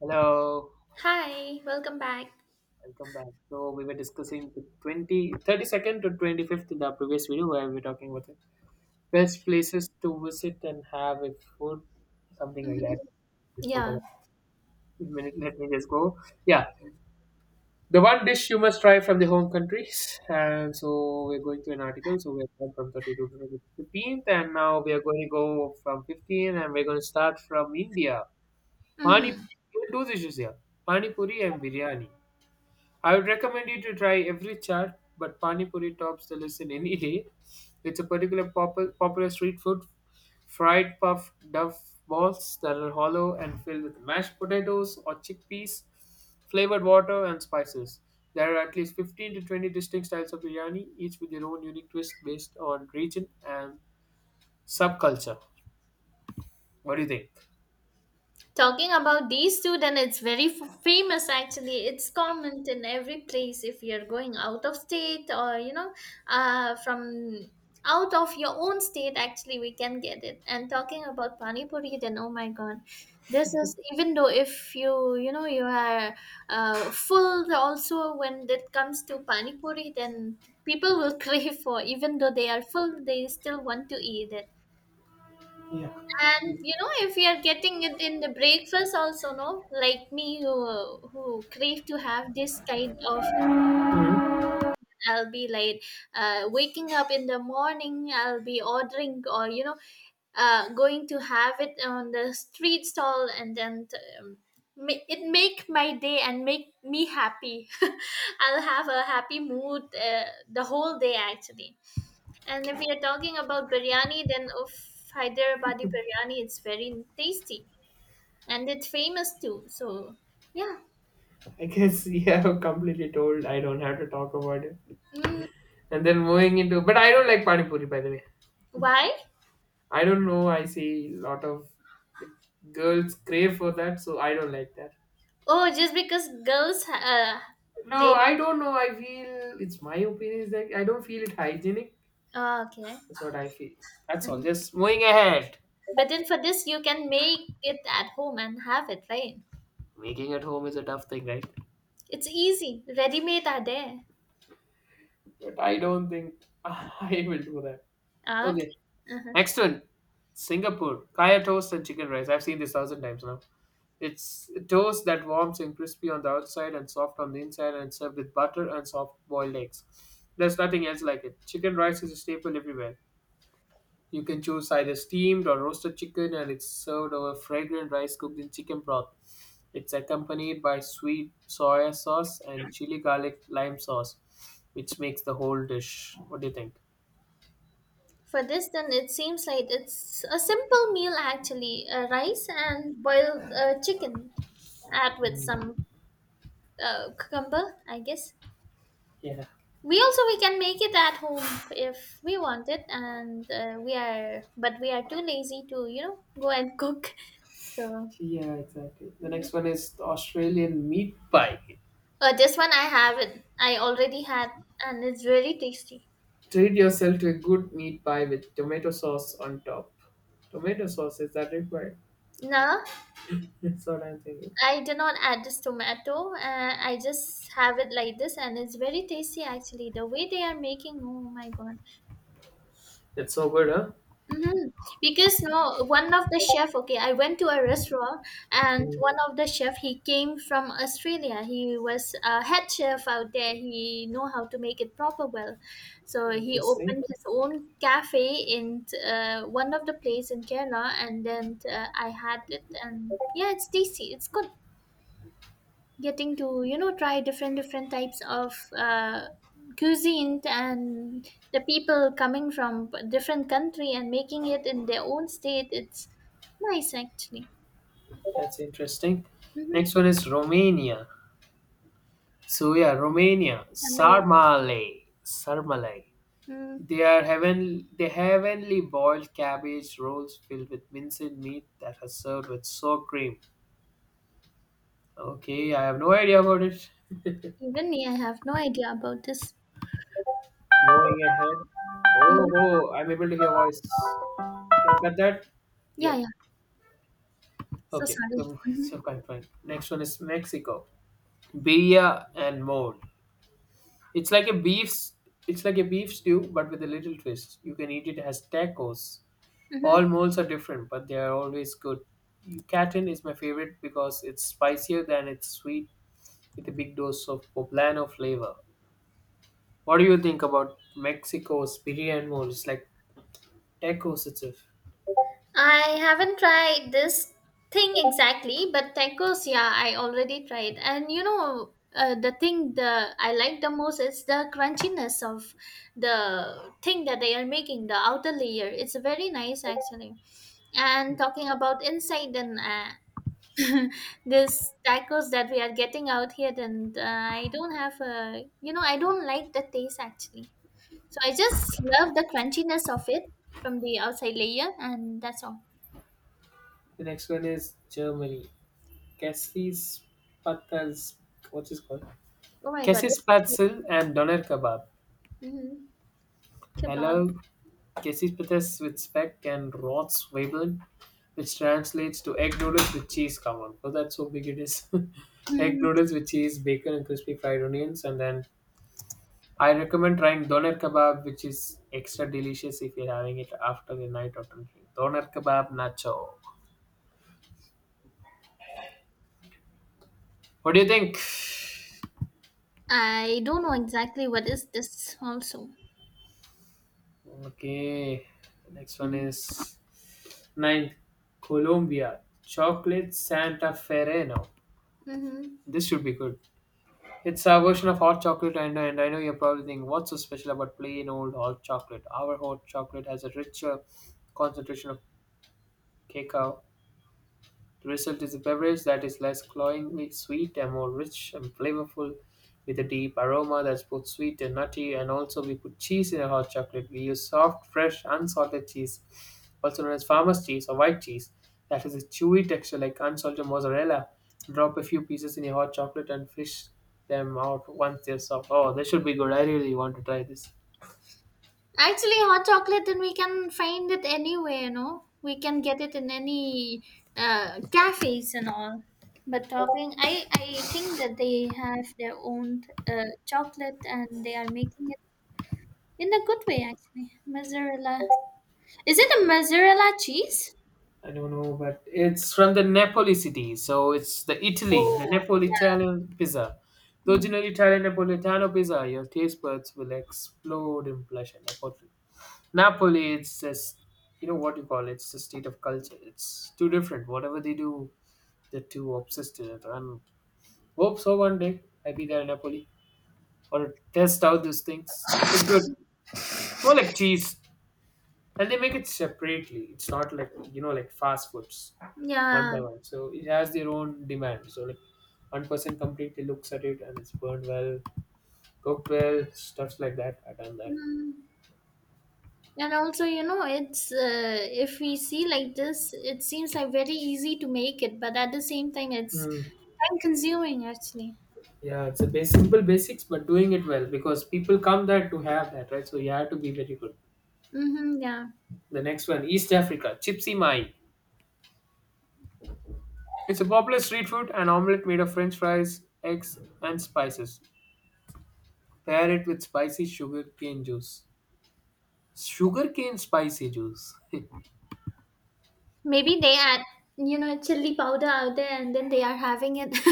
Hello, Hi, welcome back. welcome back. So we were discussing the 2032nd to 25th in the previous video where we were talking about the best places to visit and have a food, something like Mhm. that. We Yeah. forgot. Wait a minute, let me just go. Yeah, the one dish you must try from the home countries. And so we're going to an article. So we're going from 32 to 15th, and now we are going to go from 15, and we're going to start from India. Pani, Mhm. there are two dishes here: Pani Puri and biryani. I would recommend you to try every chaat, but Pani Puri tops the list in any day. It's a particular popular street food, fried puff duff balls that are hollow and filled with mashed potatoes or chickpeas, flavored water, and spices. There are at least 15 to 20 distinct styles of biryani, each with their own unique twist based on region and subculture. What do you think? Talking about these two, then it's very famous actually. It's common in every place if you're going out of state or, you know, from out of your own state, actually, we can get it. And talking about Pani Puri, then oh my god, this is even though if you are full also when it comes to Pani Puri, then people will crave for, even though they are full, they still want to eat it. Yeah. And you know, if we are getting it in the breakfast also, no, like me who crave to have this kind of, Mhm. I'll be like, waking up in the morning, I'll be ordering or you know, going to have it on the street stall, and then um, it make my day and make me happy. I'll have a happy mood the whole day actually. And if we are talking about biryani, then of Hyderabadi biryani, it's very tasty and it's famous too. So yeah. I guess you have completely told I don't have to talk about it. Mm. And then moving into, but I don't like pani puri, by the way. Why? I don't know. I see a lot of like, girls crave for that, so I don't like that. Oh, just because girls No, they I don't know. I feel it's my opinion is that I don't feel it hygienic. Oh, okay. That's what I feel. That's all. Mhm. Just moving ahead. But then for this you can make it at home and have it, right? Making at home is a tough thing, right? It's easy. Ready made are there. But I don't think I will do that. Ah, okay. Okay. Uh-huh. Next one. Singapore. Kaya toast and chicken rice. I've seen this thousand times now. It's toast that warms and crispy on the outside and soft on the inside and served with butter and soft boiled eggs. There's nothing else like it. Chicken rice is a staple everywhere. You can choose either steamed or roasted chicken and it's served over fragrant rice cooked in chicken broth. It's accompanied by sweet soya sauce and chili garlic lime sauce, which makes the whole dish. What do you think? For this, then it seems like it's a simple meal actually. Rice and boiled chicken, add with Mm. some cucumber, I guess. Yeah. We can make it at home if we want it and we are but we are too lazy to you know go and cook. So Yeah, exactly. The next one is the Australian meat pie. This one, I already had and it's really tasty. Treat yourself to a good meat pie with tomato sauce on top. Tomato sauce, is that required? No, That's what I'm thinking. I do not add this tomato. I just have it like this and it's very tasty actually the way they are making, oh my god. That's so good, huh? Mm-hmm. Because no, one of the chef. Okay, I went to a restaurant, and Mm, one of the chef he came from Australia. He was a head chef out there. He know how to make it proper well, so he interesting. opened his own cafe in one of the place in Kerala, and then I had it, and yeah, it's tasty. It's good getting to you know try different types of cuisine and the people coming from different country and making it in their own state, it's nice actually. That's interesting. Next Mm-hmm. one is Romania. So yeah, Romania. i mean Sarmale. Sarmale. mm, They are heavenly boiled cabbage rolls filled with minced meat that are served with sour cream. Okay, I have no idea about it. Even me, I have no idea about this. Moving ahead. Oh, Mhm. oh, I'm able to hear voice. Can you cut that? yeah Yep. yeah So Okay. sorry. The- So Mm-hmm. quite fine. Next one is Mexico. Birria and mole. It's like a beef. It's like a beef stew, but with a little twist. You can eat it as tacos. All Mm-hmm. moles are different, but they are always good. Yucatan is my favorite because it's spicier than it's sweet, with a big dose of poblano flavor. What do you think about Mexico's birria and mole? It's like tacos itself. I haven't tried this thing exactly, but tacos, yeah, I already tried. And you know, the I like the most is the crunchiness of the thing that they are making, the outer layer. It's very nice actually. And talking about inside and this tacos that we are getting out here, then I don't have a, you know, I don't like the taste actually. So I just love the crunchiness of it from the outside layer, and that's all. The next one is Germany. Cassis Patals. What's it called? Oh my God, this Kesi's pretzel and doner kebab. mm I kebab. love Kesi's pretzel with speck and Rotzwebeln, which translates to egg noodles with cheese. Come on, oh, that's how big it is. Egg Mm, noodles with cheese, bacon, and crispy fried onions. And then I recommend trying doner kebab, which is extra delicious if you're having it after the night of drinking. Doner kebab nacho. What do you think? I don't know exactly what is this also. Okay, next one Mm. is ninth Colombia chocolate Santa Fereno. Mm-hmm. This should be good. It's our version of hot chocolate, and I know you're probably thinking, what's so special about plain old hot chocolate? Our hot chocolate has a richer concentration of cacao. The result is a beverage that is less cloyingly sweet and more rich and flavorful, with a deep aroma that's both sweet and nutty. And also, we put cheese in a hot chocolate. We use soft, fresh, unsalted cheese, also known as farmer's cheese or white cheese, that has a chewy texture like unsalted mozzarella. Drop a few pieces in your hot chocolate and fish them out once they're soft. Oh, this should be good. I really want to try this. Actually, hot chocolate, then we can find it anywhere, no? We can get it in any cafes and all. But talking, I think that they have their own chocolate and they are making it in a good way, actually. Mozzarella. Is it a mozzarella cheese? I don't know, but it's from the Napoli city, so it's the Italy, the Oh, Napoli Italian pizza. The yeah. original Italian Napolitano pizza, your taste buds will explode in pleasure. Napoli, Napoli, it's just you know what you call it. It's a state of culture. It's too different. Whatever they do, they're too obsessed with it. And hope so one day I be there in Napoli or test out these things. It's good. It's more like cheese, and they make it separately. It's not like, you know, like fast foods Yeah, one yeah. by one, so it has their own demand. So like, one person completely looks at it and it's burned well, cooked well, stuff like that. I done that. Mm. And also, you know, it's if we see like this, it seems like very easy to make it, but at the same time, it's Hmm, time consuming actually. yeah, it's a basic, simple basics, but doing it well, because people come there to have that, right? So you have to be very good. Mm-hmm, yeah. The next one, East Africa, chipsy mai. It's a popular street food, an omelette made of french fries, eggs, and spices. Pair it with spicy sugarcane juice. Sugarcane spicy juice. Maybe they add, you know, chili powder out there and then they are having it. See,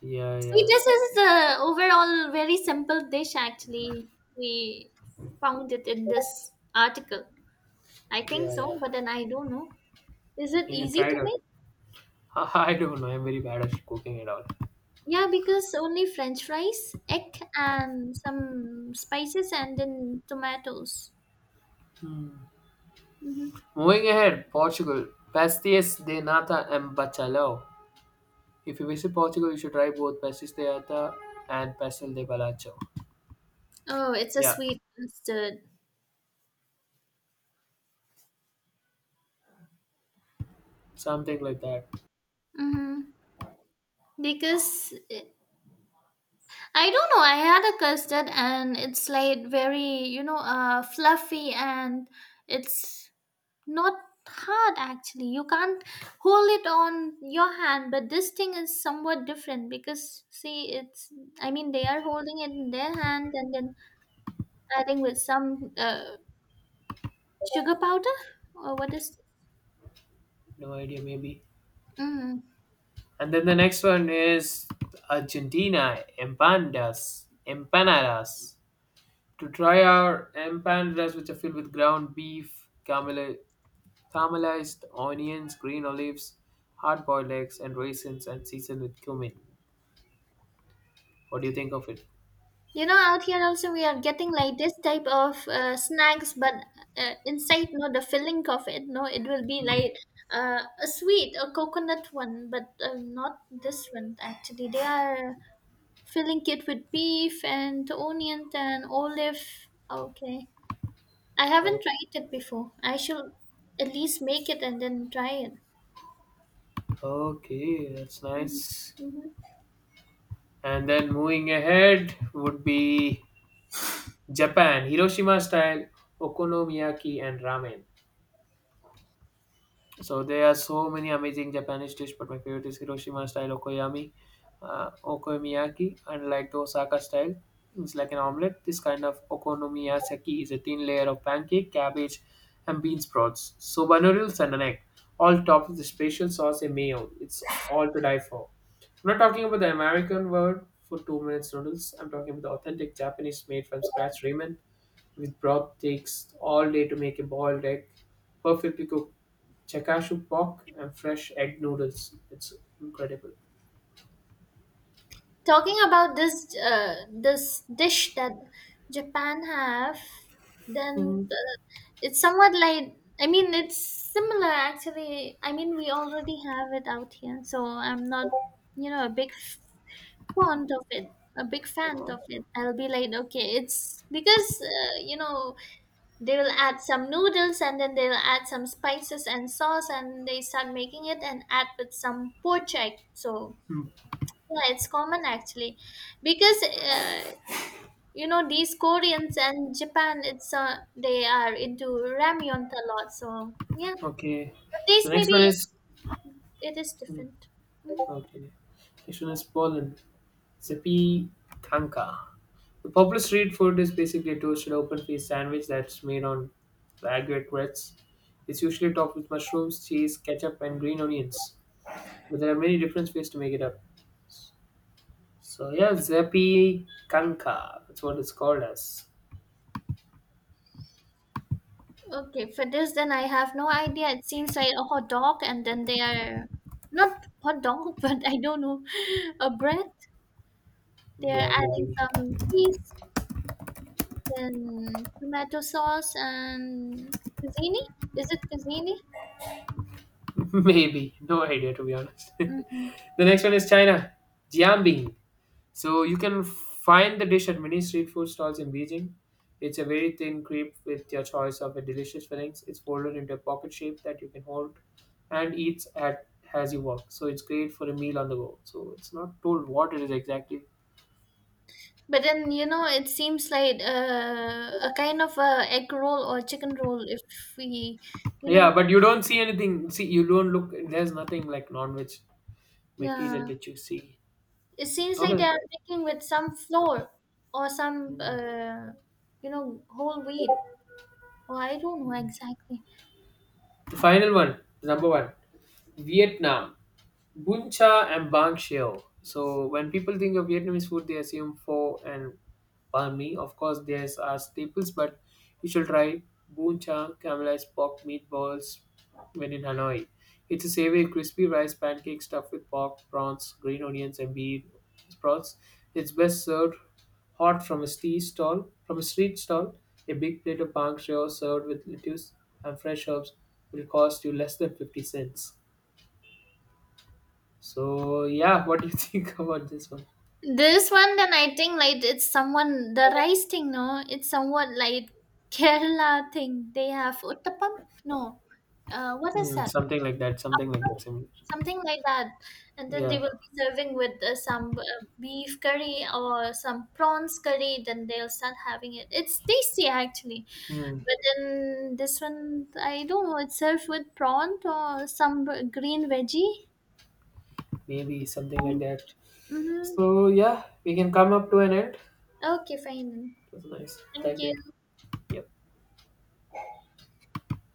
Yeah, yeah, this is the overall very simple dish actually. We found it in this article. I think yeah, yeah. so, but then I don't know. Is it You can easy try to it out. make? I don't know. I'm very bad at cooking at all. Yeah, because only French fries, egg, and some spices, and then tomatoes. Hmm. Hmm. Moving ahead, Portugal. Pastéis de nata and bacalhau. If you visit Portugal, you should try both pastéis de nata and pastel de bacalhau. Oh, it's a Yeah, sweet custard. something like that. Hmm. Because it- I don't know, I had a custard and it's like very, you know, fluffy and it's not hard actually. You can't hold it on your hand, but this thing is somewhat different because see, it's, I mean, they are holding it in their hand and then adding with some sugar powder? Or what is? No idea, maybe. Mm. And then the next one is Argentina empanadas. Empanadas. To try our empanadas, which are filled with ground beef, camele, caramelized onions, green olives, hard boiled eggs, and raisins, and seasoned with cumin. What do you think of it? You know, out here also we are getting like this type of snacks, but inside, no, the filling of it, no, it will be Hmm. like a sweet, a coconut one, but not this one. Actually, they are filling it with beef and onion and olive. Okay, I haven't O- tried it before. I should at least make it and then try it. Okay, that's nice. Mhm. And then moving ahead would be Japan, Hiroshima style, okonomiyaki, and ramen. So there are so many amazing Japanese dish, but my favorite is Hiroshima style okonomiyaki, and like the Osaka style. It's like an omelette. This kind of okonomiyaki is a thin layer of pancake, cabbage, and bean sprouts, soba noodles, and an egg, all topped with a special sauce and mayo. It's all to die for. I'm not talking about the American word for 2 minutes noodles. I'm talking about the authentic Japanese made from scratch ramen with broth takes all day to make a boiled egg, perfectly cooked chakashu pork, and fresh egg noodles. It's incredible. Talking about this dish that Japan have, then Mm. It's somewhat like I mean it's similar actually. I mean we already have it out here, so I'm not you know a big fond of it, a big fan Oh. of it. I'll be like okay, it's because you know they will add some noodles and then they'll add some spices and sauce and they start making it and add with some pork chop. So Hmm, yeah, it's common actually, because you know these Koreans and Japan, it's they are into ramyun a lot. So yeah, but okay. this So next maybe one is it is hmm, different. okay. Next one is Poland. Zipi Kanka. The popular street food is basically a toasted open faced sandwich that's made on baguette breads. It's usually topped with mushrooms, cheese, ketchup, and green onions. But there are many different ways to make it up. So yeah, Zepi Kanka. That's what it's called as. Okay, for this then I have no idea. It seems like a hot dog, and then they are not hot dog, but I don't know, a bread. They are Yeah, adding maybe. some cheese and tomato sauce and cuisine. Is it cuisine? Maybe. No idea to be honest. Mm-hmm. The next one is China. Jiambing. So you can find the dish at many street food stalls in Beijing. It's a very thin crepe with your choice of a delicious fillings. It's folded into a pocket shape that you can hold and eats at as you walk. So it's great for a meal on the go. So it's not told what it is exactly. But then you know, it seems like a kind of a egg roll or chicken roll. If we, you know, Yeah, but you don't see anything. See, you don't look. There's nothing like non-veg material yeah, which you see. it seems like they Okay. are making with some flour or Mm, you know, whole wheat. Or I don't know mm. exactly. The final one, number one, Vietnam. Bun cha and banh xiao. So when people think of Vietnamese food, they assume pho and banh mi. Of course, these are staples, but you should try bun cha, caramelized pork meatballs when in Hanoi. It's a savory, crispy rice pancake stuffed with pork, prawns, green onions, and beef sprouts. It's best served hot from a street stall. From a street stall, a big plate of banh xiao served with lettuce and fresh herbs will cost you less than 50 cents. So yeah, what do you think about this one? This one, then I think like it's someone the rice thing. No, it's somewhat like Kerala thing. They have uttapam. No, what is Hmm, that? Something like that, similar. Something like that. And then they Yeah, will be serving with some beef curry or some prawns curry. Then they'll start having it. It's tasty actually. hmm, But then this one, I don't know, it's served with prawn or some green veggie. maybe something like that. Mm-hmm. So yeah, we can come up to an end. Okay, fine then. It was nice. Thank Thank you. you. Yep.